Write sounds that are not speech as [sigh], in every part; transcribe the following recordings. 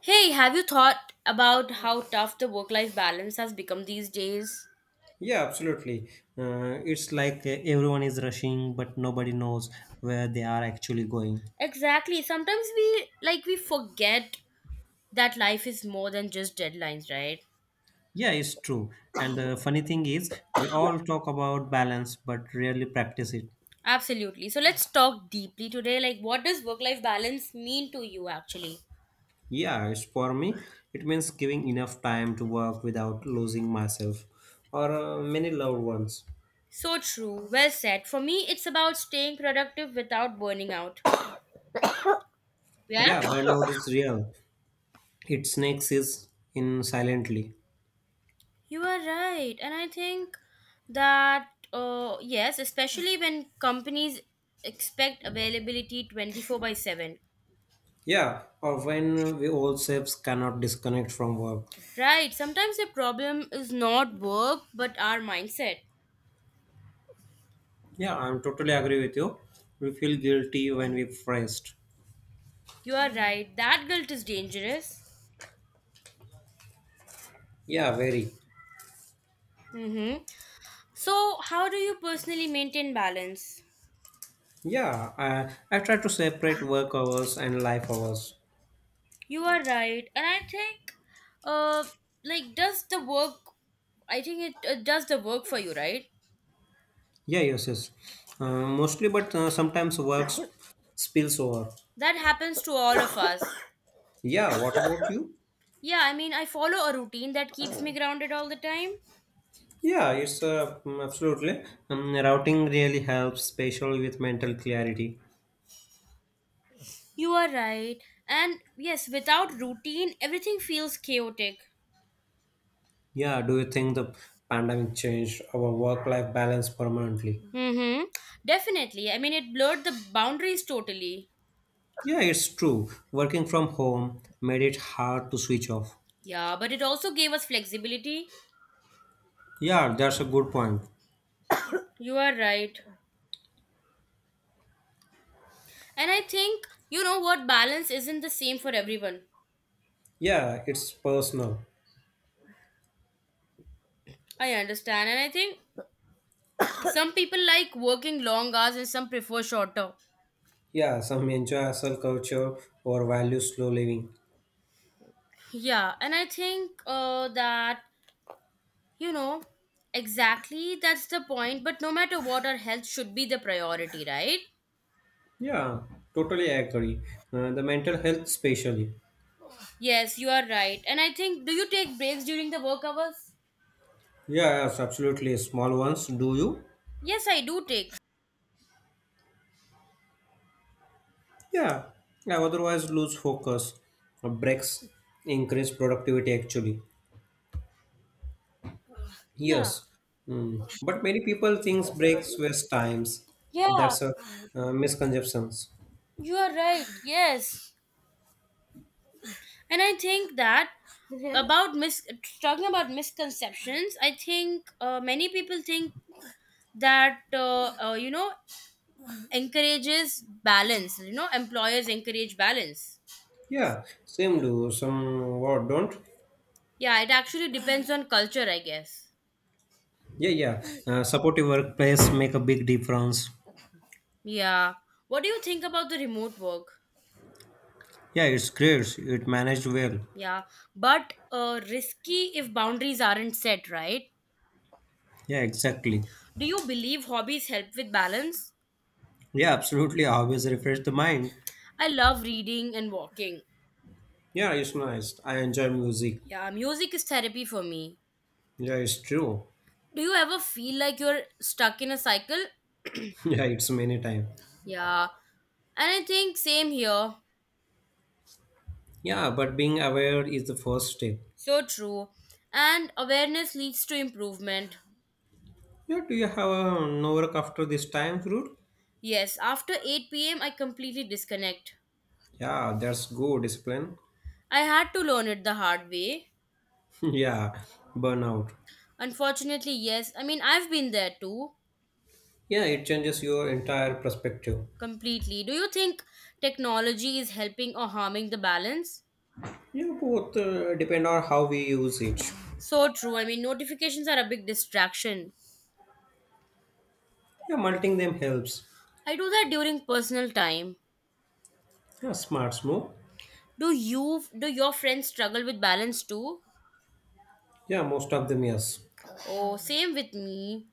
Hey, have you thought about how tough the work life balance has become these days? Yeah, absolutely. It's like everyone is rushing, but nobody knows where they are actually going. Exactly. Sometimes we forget that life is more than just deadlines, right? Yeah, it's true. And the funny thing is, we all talk about balance, but rarely practice it. Absolutely. So let's talk deeply today. Like what does work life balance mean to you actually? Yeah, it's for me. It means giving enough time to work without losing myself or many loved ones. So true. Well said. For me, it's about staying productive without burning out. Yeah? Yeah, burnout is real. It snakes is in silently. You are right. And I think yes, especially when companies expect availability 24 by 7. Yeah, or when we ourselves cannot disconnect from work. Right. Sometimes the problem is not work, but our mindset. Yeah, I'm totally agree with you. We feel guilty when we rest. You are right. That guilt is dangerous. Yeah, very. Mm-hmm. So, how do you personally maintain balance? Yeah, I try to separate work hours and life hours. You are right. And I think, uh, like, I think it does the work for you, right? Yeah, yes, yes. Mostly, but sometimes spills over. That happens to all of us. Yeah, what about you? Yeah, I mean, I follow a routine that keeps me grounded all the time. Yeah, it's absolutely. Routing really helps, especially with mental clarity. You are right. And yes, without routine, everything feels chaotic. Yeah, do you think the pandemic changed our work life balance permanently? Mm-hmm. Definitely. I mean, it blurred the boundaries totally. Yeah, it's true. Working from home made it hard to switch off. Yeah, but it also gave us flexibility. Yeah, that's a good point. You are right. And I think, you know what, balance isn't the same for everyone. Yeah, it's personal. I understand. And I think [coughs] some people like working long hours and some prefer shorter. Yeah, some enjoy hustle culture or value slow living. Yeah, and I think that You know, exactly, that's the point, but no matter what, our health should be the priority, right? Yeah, totally agree. The mental health, especially. Yes, you are right. And I think, do you take breaks during the work hours? Yeah, yes, absolutely. Small ones, do you? Yes, I do take. Yeah, I otherwise lose focus. Breaks increase productivity, actually. Yes. Yeah. Mm, but many people thinks breaks waste times. Yeah, That's a misconceptions. you are right. Yes. And I think that about mis talking about misconceptions, I think many people think that you know encourages balance. Employers encourage balance. Yeah, same do some what don't. Yeah, it actually depends on culture, I guess. Yeah, yeah. Supportive workplace make a big difference. Yeah. What do you think about the remote work? Yeah, it's great. It managed well. Yeah. But risky if boundaries aren't set, right? Yeah, exactly. Do you believe hobbies help with balance? Yeah, absolutely. Always refresh the mind. I love reading and walking. Yeah, it's nice. I enjoy music. Yeah, music is therapy for me. Yeah, it's true. Do you ever feel like you're stuck in a cycle? [laughs] Yeah, it's many time. Yeah. And I think same here. Yeah, but being aware is the first step. So true. And awareness leads to improvement. Yeah, do you have a no work after this time, Fruit? Yes, after 8 p.m., I completely disconnect. Yeah, that's good discipline. I had to learn it the hard way. [laughs] Yeah, burnout. Unfortunately, yes. I mean, I've been there too, Yeah, it changes your entire perspective. completely. Do you think technology is helping or harming the balance? Yeah, both depend on how we use it. So true. I mean, notifications are a big distraction. Yeah, multing them helps. I do that during personal time. Yeah, smart move. Do your friends struggle with balance too? Yeah, most of them, yes. Oh, same with me.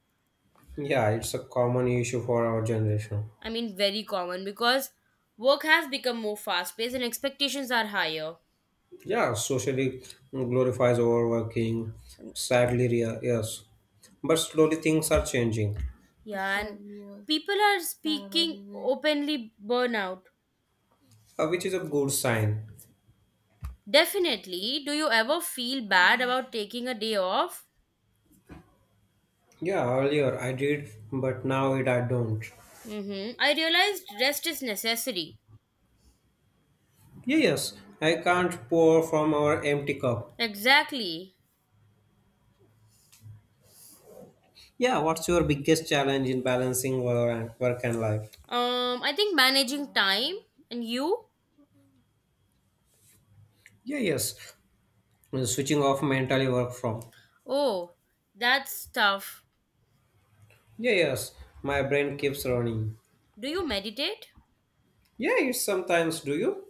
Yeah, it's a common issue for our generation. I mean, very common because work has become more fast-paced and expectations are higher. Yeah, socially glorifies overworking, sadly, yes. But slowly things are changing, Yeah, and people are speaking openly burnout. Which is a good sign. Definitely. Do you ever feel bad about taking a day off? Yeah, earlier I did, but now it I don't. Mm-hmm. I realized rest is necessary. Yeah, yes, I can't pour from our empty cup. Exactly. Yeah, what's your biggest challenge in balancing work and life? I think managing time and you? Yeah, yes, switching off mentally work from. Oh, that's tough. Yeah, yes, my brain keeps running. Do you meditate? Yeah, you sometimes do you?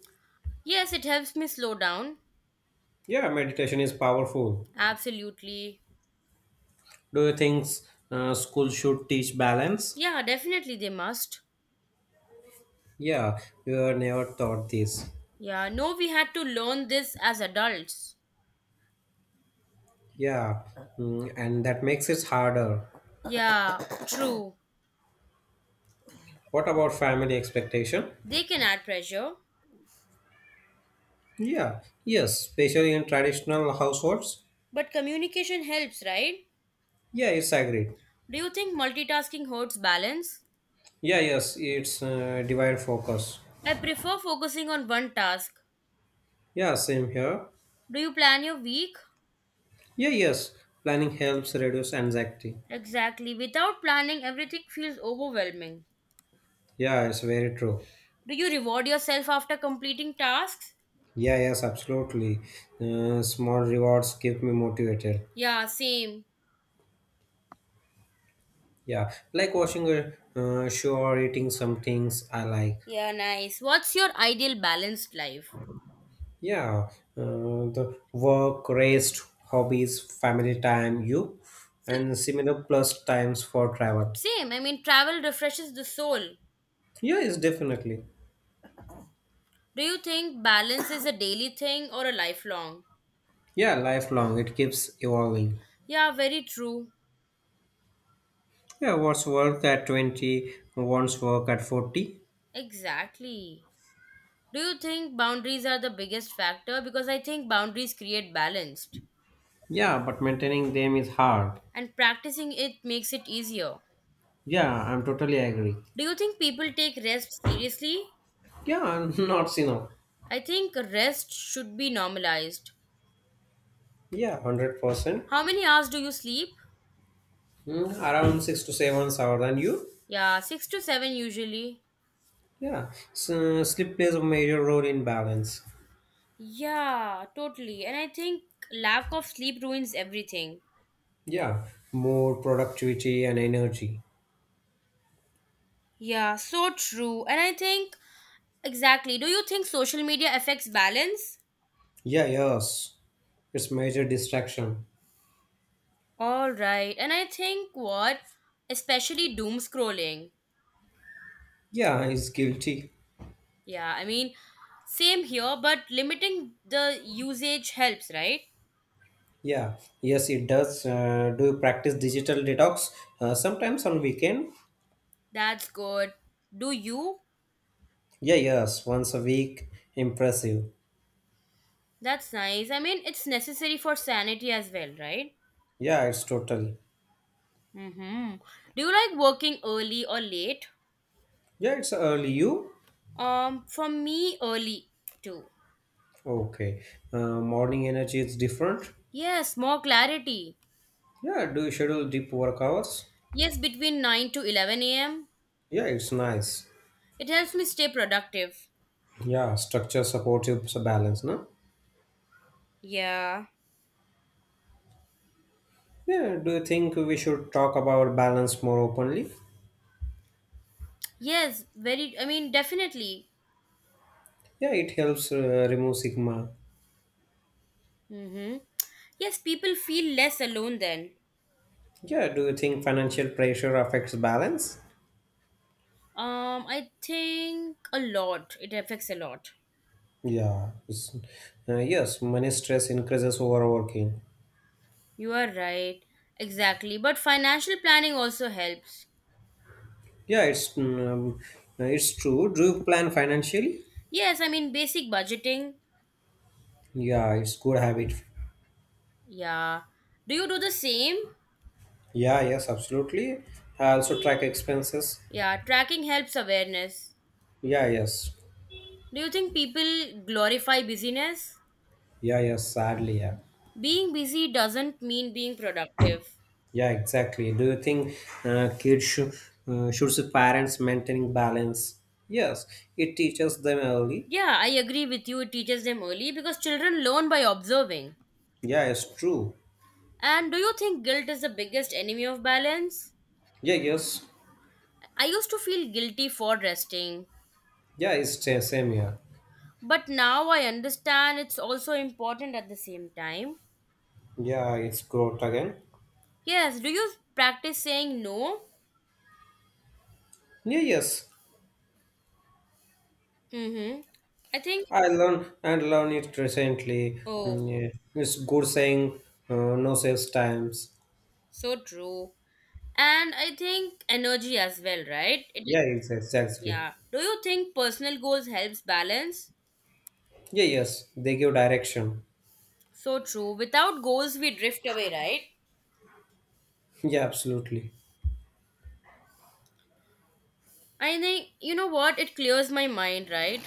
Yes, it helps me slow down. Yeah, meditation is powerful. Absolutely. Do you think school should teach balance? Yeah, definitely they must. Yeah, you are never taught this. Yeah, no, we had to learn this as adults. Yeah, mm, and that makes it harder. Yeah, true. What about family expectation? They can add pressure, Yeah, yes, especially in traditional households. but communication helps, right? Yeah, it's agreed. Do you think multitasking hurts balance? Yeah, yes, it's divide focus. I prefer focusing on one task. Yeah, same here. Do you plan your week? Yeah, yes, planning helps reduce anxiety. Exactly. Without planning, everything feels overwhelming. Yeah, it's very true. Do you reward yourself after completing tasks? Yeah, yes, absolutely. Small rewards keep me motivated. Yeah, same. Yeah, like watching a show or eating some things I like. Yeah, nice. What's your ideal balanced life? Yeah, the work, rest, hobbies, family time, you, S- and similar plus times for travel. Same. I mean, travel refreshes the soul. Yeah, it's definitely. Do you think balance is a daily thing or a lifelong? Yeah, lifelong. It keeps evolving. Yeah, very true. Yeah, what's work at 20, wants work at 40. Exactly. Do you think boundaries are the biggest factor? Because I think boundaries create balance Yeah, but maintaining them is hard. and practicing it makes it easier. Yeah, I'm totally agree. Do you think people take rest seriously? Yeah, [laughs] not enough. I think rest should be normalized. Yeah, 100%. How many hours do you sleep? Mm, around 6 to 7 hours. And you? Yeah, 6 to 7 usually. Yeah. So, sleep plays a major role in balance. Yeah, totally. And I think lack of sleep ruins everything. Yeah. More productivity and energy. Yeah, so true. And I think exactly. Do you think social media affects balance? Yeah, yes. It's major distraction. All right. And I think what, especially doom scrolling. Yeah, it's guilty. Yeah, I mean, same here, but limiting the usage helps, right? Yeah. Yes, it does. Do you practice digital detox? Sometimes on weekend. That's good. Do you? Yeah, yes. Once a week. Impressive. That's nice. I mean, it's necessary for sanity as well, right? Yeah, it's totally. Mm-hmm. Do you like working early or late? Yeah, it's early. You? For me, early too. Okay. Morning energy is different. Yes, more clarity. Yeah, do you schedule deep work hours? Yes, between 9 to 11 a.m. Yeah, it's nice. It helps me stay productive. Yeah, balance, no? Yeah. Yeah, do you think we should talk about balance more openly? Yes, very, I mean, definitely. Yeah, it helps remove sigma. Mm-hmm. Yes, people feel less alone then. Yeah, do you think financial pressure affects balance? I think a lot. It affects a lot. Yeah, it's- yes, money stress increases overworking. You are right. Exactly. But financial planning also helps. Yeah, it's it's true. Do you plan financially? Yes, I mean, basic budgeting. Yeah, it's good habit. Yeah. Do you do the same? Yeah, yes, absolutely. I also track expenses. Yeah, tracking helps awareness. Yeah, yes. Do you think people glorify busyness? Yeah, yeah, sadly, yeah, Being busy doesn't mean being productive. yeah, exactly. Do you think kids should see parents maintaining balance? Yes, it teaches them early. Yeah, I agree with you. It teaches them early because children learn by observing. Yeah, it's true. And do you think guilt is the biggest enemy of balance? Yeah, yes, I used to feel guilty for resting, yeah, it's the same here. but now I understand it's also important at the same time. Yeah, it's growth again. Yes, do you practice saying no? Yeah, yes, Mm-hmm. I think, I learn and learn it recently. oh, Mm, yeah. It's good saying no sales times. so true. And I think energy as well, right? It, Yeah, it's exactly. yeah. Do you think personal goals helps balance? Yeah, yes, they give direction. So true. Without goals, we drift away, right? Yeah, absolutely. I think, you know what? It clears my mind, right?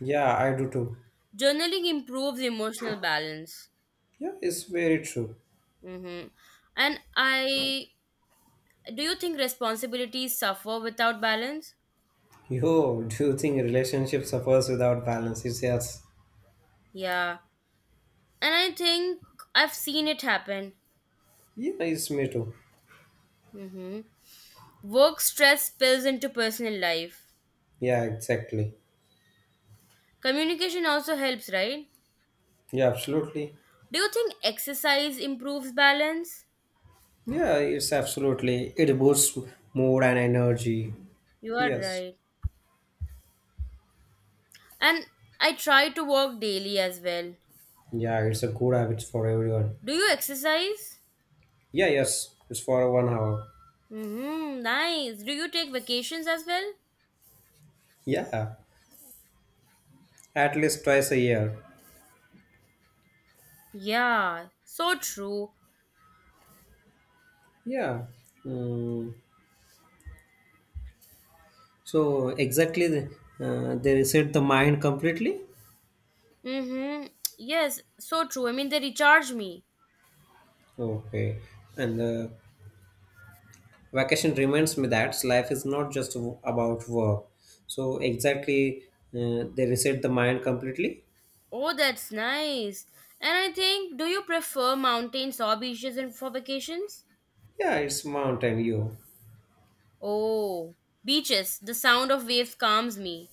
Yeah, I do too. Journaling improves emotional balance. Yeah, it's very true. Hmm And I do you think responsibilities suffer without balance? Yo, do you think relationship suffers without balance? It's yes. Yeah. And I think I've seen it happen. Yeah, it's me too. hmm Work stress spills into personal life. Yeah, exactly. Communication also helps, right? Yeah, absolutely. Do you think exercise improves balance? Yeah, it's absolutely. It boosts mood and energy. You are Yes. right. And I try to walk daily as well. Yeah, it's a good habit for everyone. Do you exercise? Yeah, yes. It's for 1 hour. Nice. Do you take vacations as well? Yeah, at least twice a year. Yeah, so true. Yeah. Mm. So exactly, they reset the mind completely. Mm-hmm. Yes, so true. I mean, they recharge me. Okay. And vacation reminds me that life is not just about work, so exactly, they reset the mind completely. Oh, that's nice. And I think, do you prefer mountains or beaches for vacations? Yeah, it's mountain. You? Oh, beaches. The sound of waves calms me.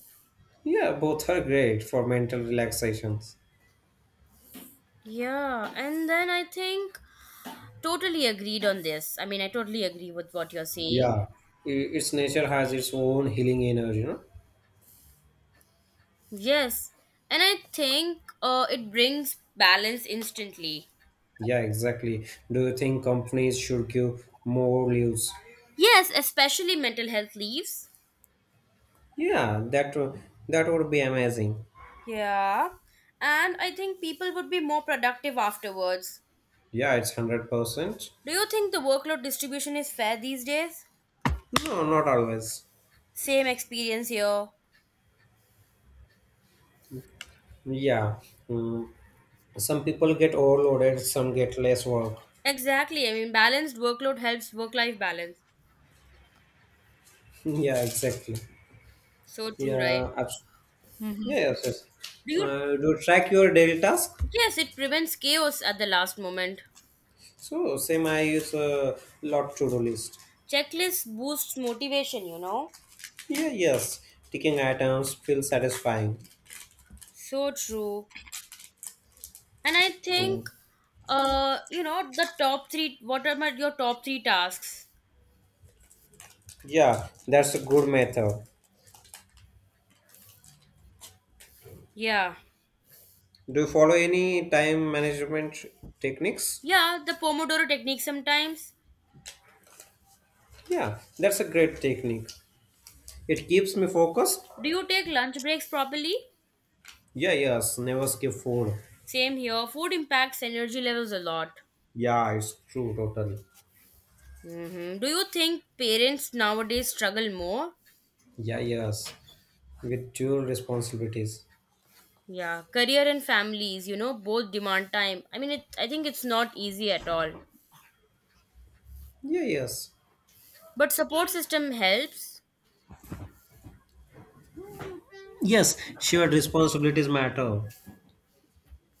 Yeah, both are great for mental relaxations. Yeah, and then I think totally agreed on this. I mean, I totally agree with what you're saying. Yeah, its nature has its own healing energy, you know. Yes, and I think it brings balance instantly. Yeah, exactly. Do you think companies should give more leaves? Yes, especially mental health leaves. yeah that w- that would be amazing. Yeah, and I think people would be more productive afterwards. Yeah, it's 100%. Do you think the workload distribution is fair these days? No, not always. Same experience here. Yeah. Mm, some people get overloaded, some get less work. Exactly. I mean, balanced workload helps work life balance. [laughs] Yeah, exactly. So true, right? Yeah, abs- yeah, yes, yes. Do you? Do you track your daily task? Yes, it prevents chaos at the last moment. So same, I use a lot to do list. Checklist boosts motivation, you know? Yeah, yes. Ticking items feel satisfying. So true. And I think, Mm. The top three, what are your top three tasks? Yeah, that's a good method. Yeah. Do you follow any time management techniques? Yeah, the Pomodoro technique sometimes. Yeah, that's a great technique. It keeps me focused. Do you take lunch breaks properly? Yeah, yes, never skip food. Same here. Food impacts energy levels a lot. Yeah, it's true, totally. Do you think parents nowadays struggle more? Yeah, yes, with dual responsibilities. Yeah, career and families, both demand time. I mean, I think it's not easy at all. Yeah, yes. But support system helps. Yes, shared responsibilities matter.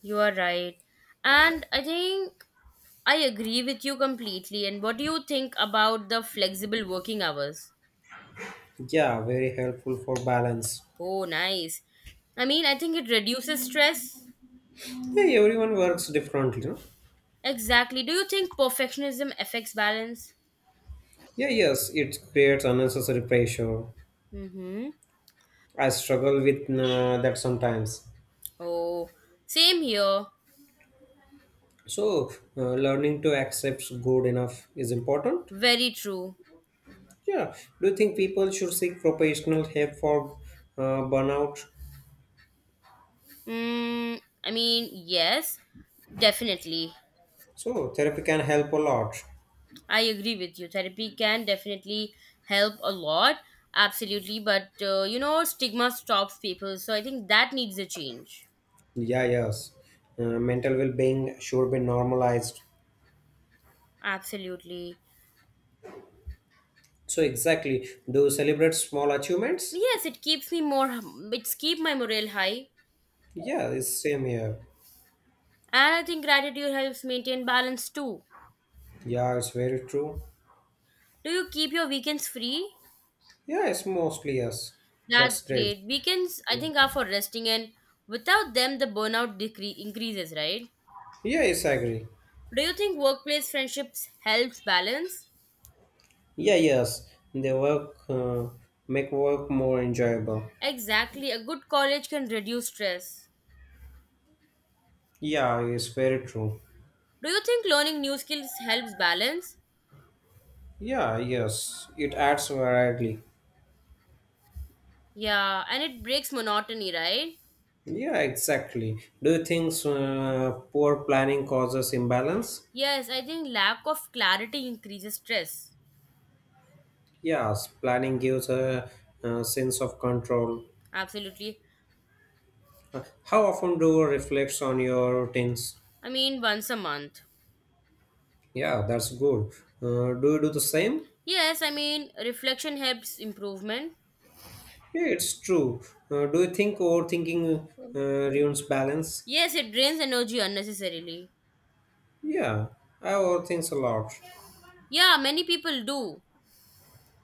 You are right. And I think I agree with you completely. And what do you think about the flexible working hours? Yeah, very helpful for balance. Oh, nice. I mean, I think it reduces stress. Yeah, everyone works differently, no? Exactly. Do you think perfectionism affects balance? Yeah, yes, it creates unnecessary pressure. Mm-hmm. I struggle with that sometimes. Oh, same here. So, learning to accept good enough is important. Very true. Yeah, do you think people should seek professional help for burnout? I mean, yes, definitely. So, therapy can help a lot. I agree with you. Therapy can definitely help a lot. Absolutely. But, stigma stops people. So I think that needs a change. Yeah, yes. Mental well being should be normalized. Absolutely. So, exactly. Do you celebrate small achievements? Yes, it's keep my morale high. Yeah, it's same here. And I think gratitude helps maintain balance too. Yeah, it's very true. Do you keep your weekends free? Yeah, it's mostly yes. That's That's great. great. Weekends, I Yeah, think, are for resting, and without them, the burnout increases, right? yeah, yes, I agree. Do you think workplace friendships helps balance? Yeah, yes. They work, make work more enjoyable. Exactly. A good college can reduce stress. Yeah, it's very true. Do you think learning new skills helps balance? Yeah, yes. It adds variety. Yeah, and it breaks monotony, right? Yeah, exactly. Do you think poor planning causes imbalance? Yes, I think lack of clarity increases stress. Yes, planning gives a, sense of control. Absolutely. How often do you reflect on your routines? I mean, once a month. Yeah, that's good. Do you do the same? Yes, I mean, reflection helps improvement. Yeah, it's true. Do you think overthinking uh, ruins balance? Yes, it drains energy unnecessarily. Yeah, I overthink a lot. Yeah, many people do.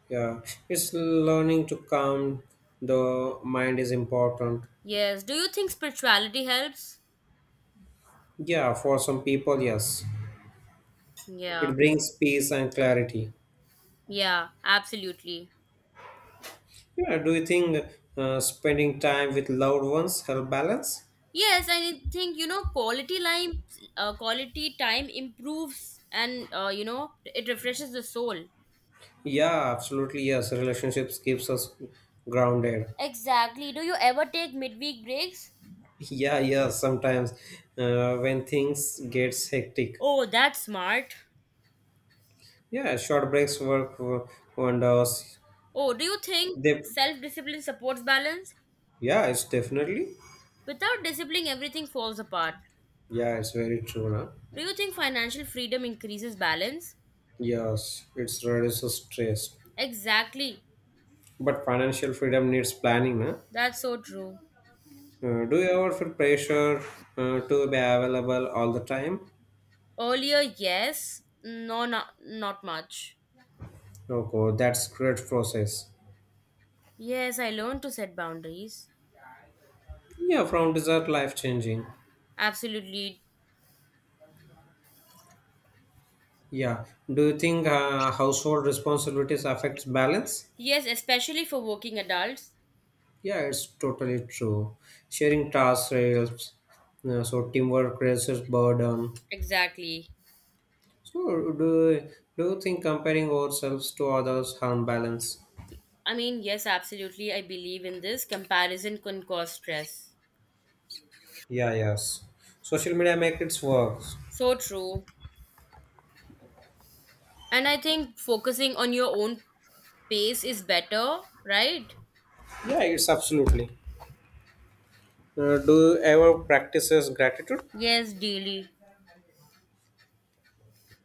Yeah, it's learning to calm the mind is important. Yes. Do you think spirituality helps? Yeah, for some people, yes. Yeah. It brings peace and clarity. Yeah, absolutely. Yeah, do you think spending time with loved ones help balance? Yes, I think you know quality time improves and you know it refreshes the soul. Yeah, absolutely. Yes, relationships keeps us grounded. Exactly. Do you ever take midweek breaks? Yeah, yeah. Sometimes when things gets hectic, Oh, that's smart. yeah, short breaks wonders. Oh, do you think They, self discipline supports balance? yeah, it's definitely. Without discipline, everything falls apart. Yeah, it's very true, na. Do you think financial freedom increases balance? Yes, it's reduces stress. Exactly. But financial freedom needs planning, na. That's so true. Do you ever feel pressure to be available all the time? Earlier, yes. No, not much. Okay, that's great process. Yes, I learned to set boundaries. Yeah, from desert life changing. Absolutely. Yeah. Do you think household responsibilities affects balance? Yes, especially for working adults. Yeah, it's totally true. Sharing tasks helps. Uh, so teamwork reduces burden. Exactly. So, do you think comparing ourselves to others harm balance? I mean, yes, absolutely. I believe in this. Comparison can cause stress. Yeah. Yes. Social media make its works. So true. And I think focusing on your own pace is better, right? Yeah, it's absolutely. Do you ever practices gratitude? Yes, daily.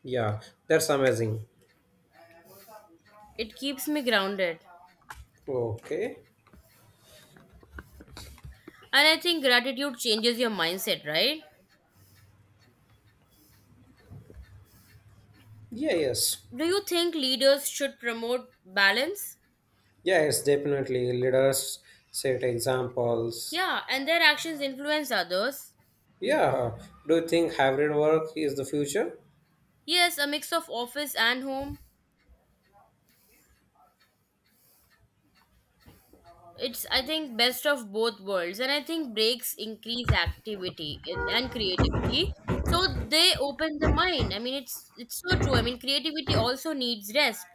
Yeah. That's amazing. It keeps me grounded. Okay. And I think gratitude changes your mindset, right? Yeah. Yes. Do you think leaders should promote balance? Yeah, it's definitely leaders set examples. Yeah, and their actions influence others. Yeah. Do you think hybrid work is the future? Yes, a mix of office and home. It's, I think, best of both worlds, and I think breaks increase activity and creativity. So they open the mind. I mean, it's so true. I mean, creativity also needs rest.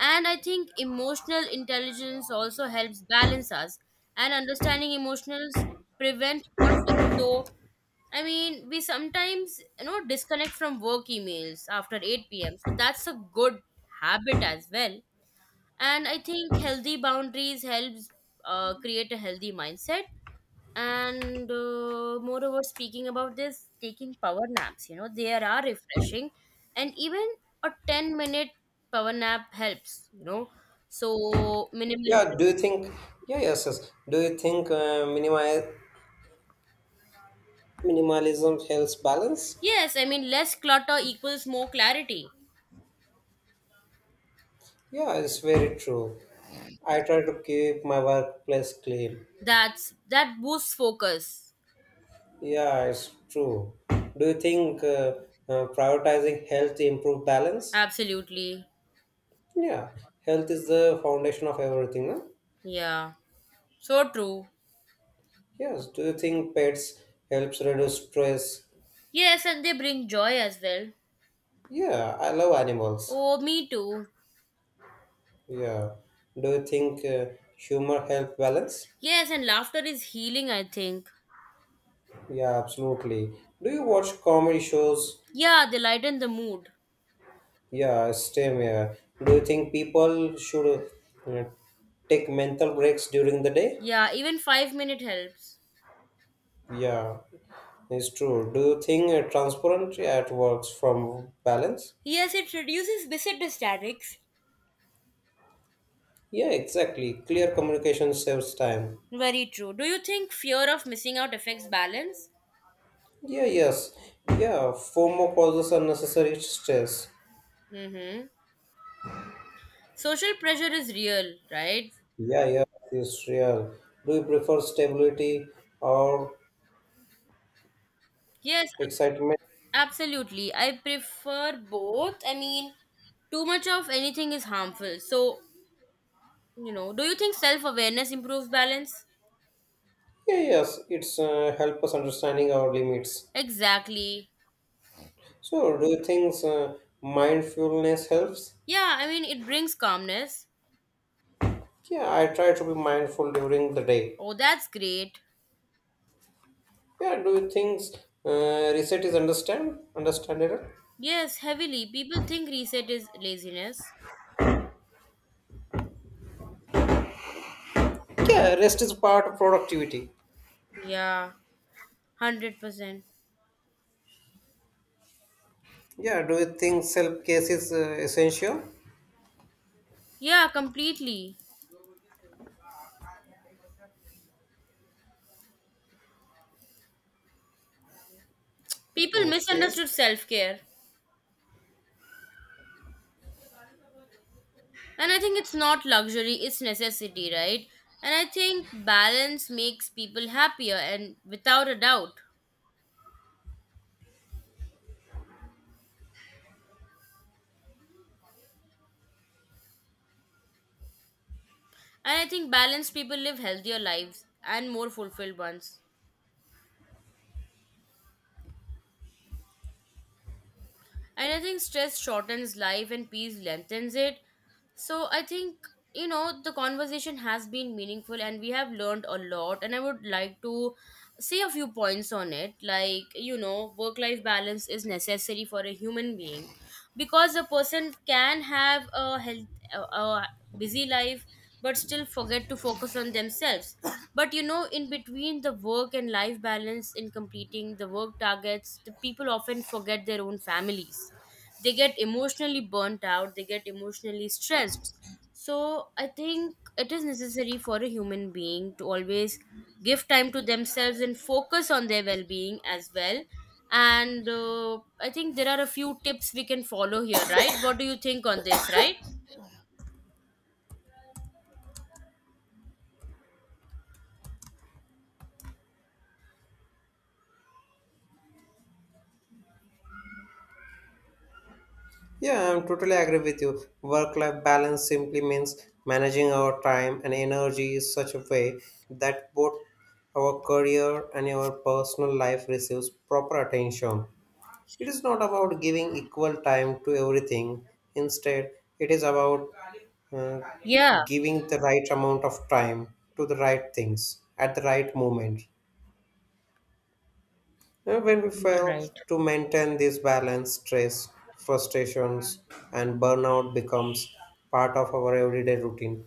And I think emotional intelligence also helps balance us and understanding emotions prevent conflict. So I mean, we sometimes disconnect from work emails after 8 p.m, so that's a good habit as well. And I think healthy boundaries helps create a healthy mindset. And moreover, speaking about this, taking power naps, you know, they are refreshing. And even a 10-minute power nap helps. So Yeah. Do minimalism. you think? Yeah. Yes. Yes. Do you think minimalism helps balance? Yes, I mean, less clutter equals more clarity. Yeah, it's very true. I try to keep my workplace clean. That boosts focus. Yeah, it's true. Do you think prioritizing health improve balance? Absolutely. Yeah, health is the foundation of everything. No? Yeah, so true. Yes. Do you think pets helps reduce stress? Yes, and they bring joy as well. Yeah, I love animals. Oh, me too. Yeah. Do you think humor help balance? Yes, and laughter is healing, I think. Yeah, absolutely. Do you watch comedy shows? Yeah, they lighten the mood. Yeah, same here. Do you think people should uh, take mental breaks during the day? Yeah, even 5 minute helps. Yeah, it's true. Do you think transparency at works from balance? Yes, it reduces misunderstandings. Yeah, exactly. Clear communication saves time. Very true. Do you think fear of missing out affects balance? Yeah, yes. Yeah, FOMO causes unnecessary stress. Mm-hmm. Social pressure is real, right? Yeah, yeah, it's real. Do you prefer stability or Yes, excitement? absolutely. I prefer both. I mean, too much of anything is harmful. So, you know, do you think self awareness improves balance? Yeah, yes, it's help us understanding our limits. Exactly. So, do you think mindfulness helps? Yeah, I mean, it brings calmness. Yeah, I try to be mindful during the day. Oh, that's great. Yeah, do you think reset is understand understandable? Yes, heavily. People think reset is laziness. Yeah, rest is part of productivity. Yeah, 100%. Yeah, do you think self care is essential? Yeah, completely. People Okay. misunderstood self care. And I think it's not luxury, it's necessity, right? And I think balance makes people happier and without a doubt. And I think balanced people live healthier lives and more fulfilled ones. And I think stress shortens life and peace lengthens it. So I think, you know, the conversation has been meaningful and we have learned a lot. And I would like to say a few points on it. Like, you know, work life balance is necessary for a human being because a person can have a health, a busy life but still forget to focus on themselves. But you know, in between the work and life balance, in completing the work targets, the people often forget their own families. They get emotionally burnt out, they get emotionally stressed. So I think it is necessary for a human being to always give time to themselves and focus on their well being as well. And I think there are a few tips we can follow here, right? What do you think on this, right? Yeah, I'm totally agree with you. Work life balance simply means managing our time and energy in such a way that both our career and our personal life receives proper attention. It is not about giving equal time to everything. Instead, it is about uh, Yeah, giving the right amount of time to the right things at the right moment. When we you are fail right. to maintain this balance, stress, frustrations, and burnout becomes part of our everyday routine.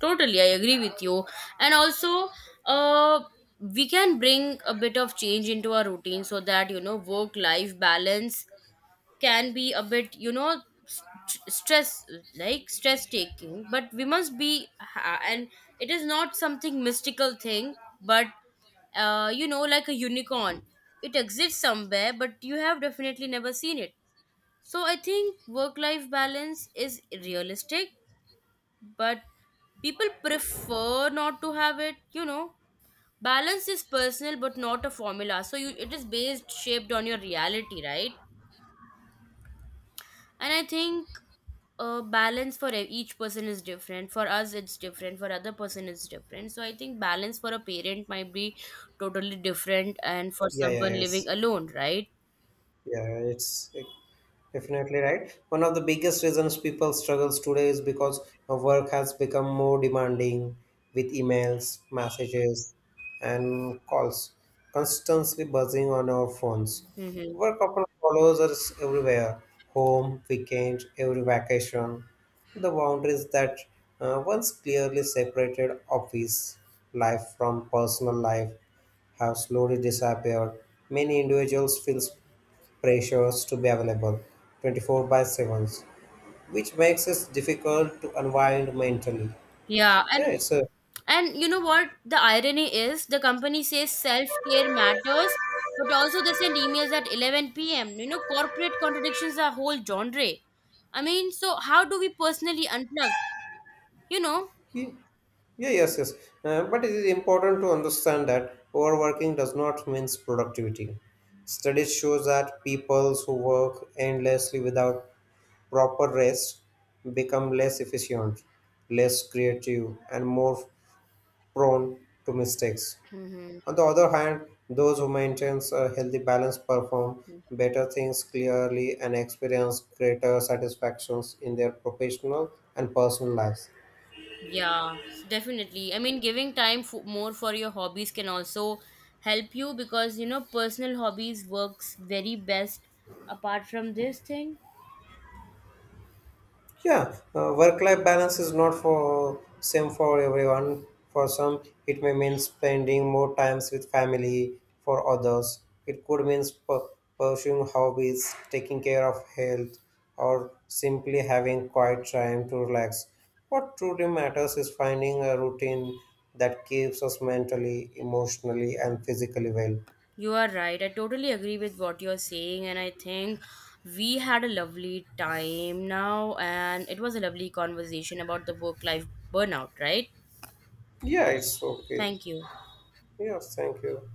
Totally, I agree with you. And also, uh, we can bring a bit of change into our routine so that, you know, work-life balance can be a bit, you know, stress, like stress taking. But we must be, and it is not something mystical thing, but you know, like a unicorn. It exists somewhere, but you have definitely never seen it. So I think work-life balance is realistic, but people prefer not to have it, you know. Balance is personal but not a formula, so you, it is based shaped on your reality, right? And I think, balance for each person is different. For us it's different, for other person it's different. So I think balance for a parent might be totally different and for Yeah, yeah, someone living yes. alone, right? Yeah, it's definitely right. One of the biggest reasons people struggles today is because our work has become more demanding with emails, messages, and calls constantly buzzing on our phones. Hmm. Work often follows us everywhere, home, weekend, every vacation. The boundaries that once clearly separated office life from personal life have slowly disappeared. Many individuals feel pressures to be available 24/7, which makes it difficult to unwind mentally. Yeah, yeah and it's a and you know what? The irony is the company says self-care matters, but also they send emails at 11 p.m. You know, corporate contradictions are whole genre. I mean, so how do we personally unplug? You know? yeah, yes, yes. But it is important to understand that overworking does not mean productivity. Studies show that people who work endlessly without proper rest become less efficient, less creative, and more prone to mistakes. Mhm. On the other hand, those who maintain a healthy balance perform better things clearly and experience greater satisfactions in their professional and personal lives. Yeah, definitely. I mean, giving time f more for your hobbies can also help you because, you know, personal hobbies works very best apart from this thing. Yeah, work-life balance is not for same for everyone. For some, it may mean spending more times with family. For others, it could mean pursuing hobbies, taking care of health, or simply having quiet time to relax. What truly matters is finding a routine that keeps us mentally, emotionally, and physically well. You are right. I totally agree with what you're saying, and I think we had a lovely time now, and it was a lovely conversation about the work life burnout, right? Yeah, it's okay. Thank you. Yeah, thank you.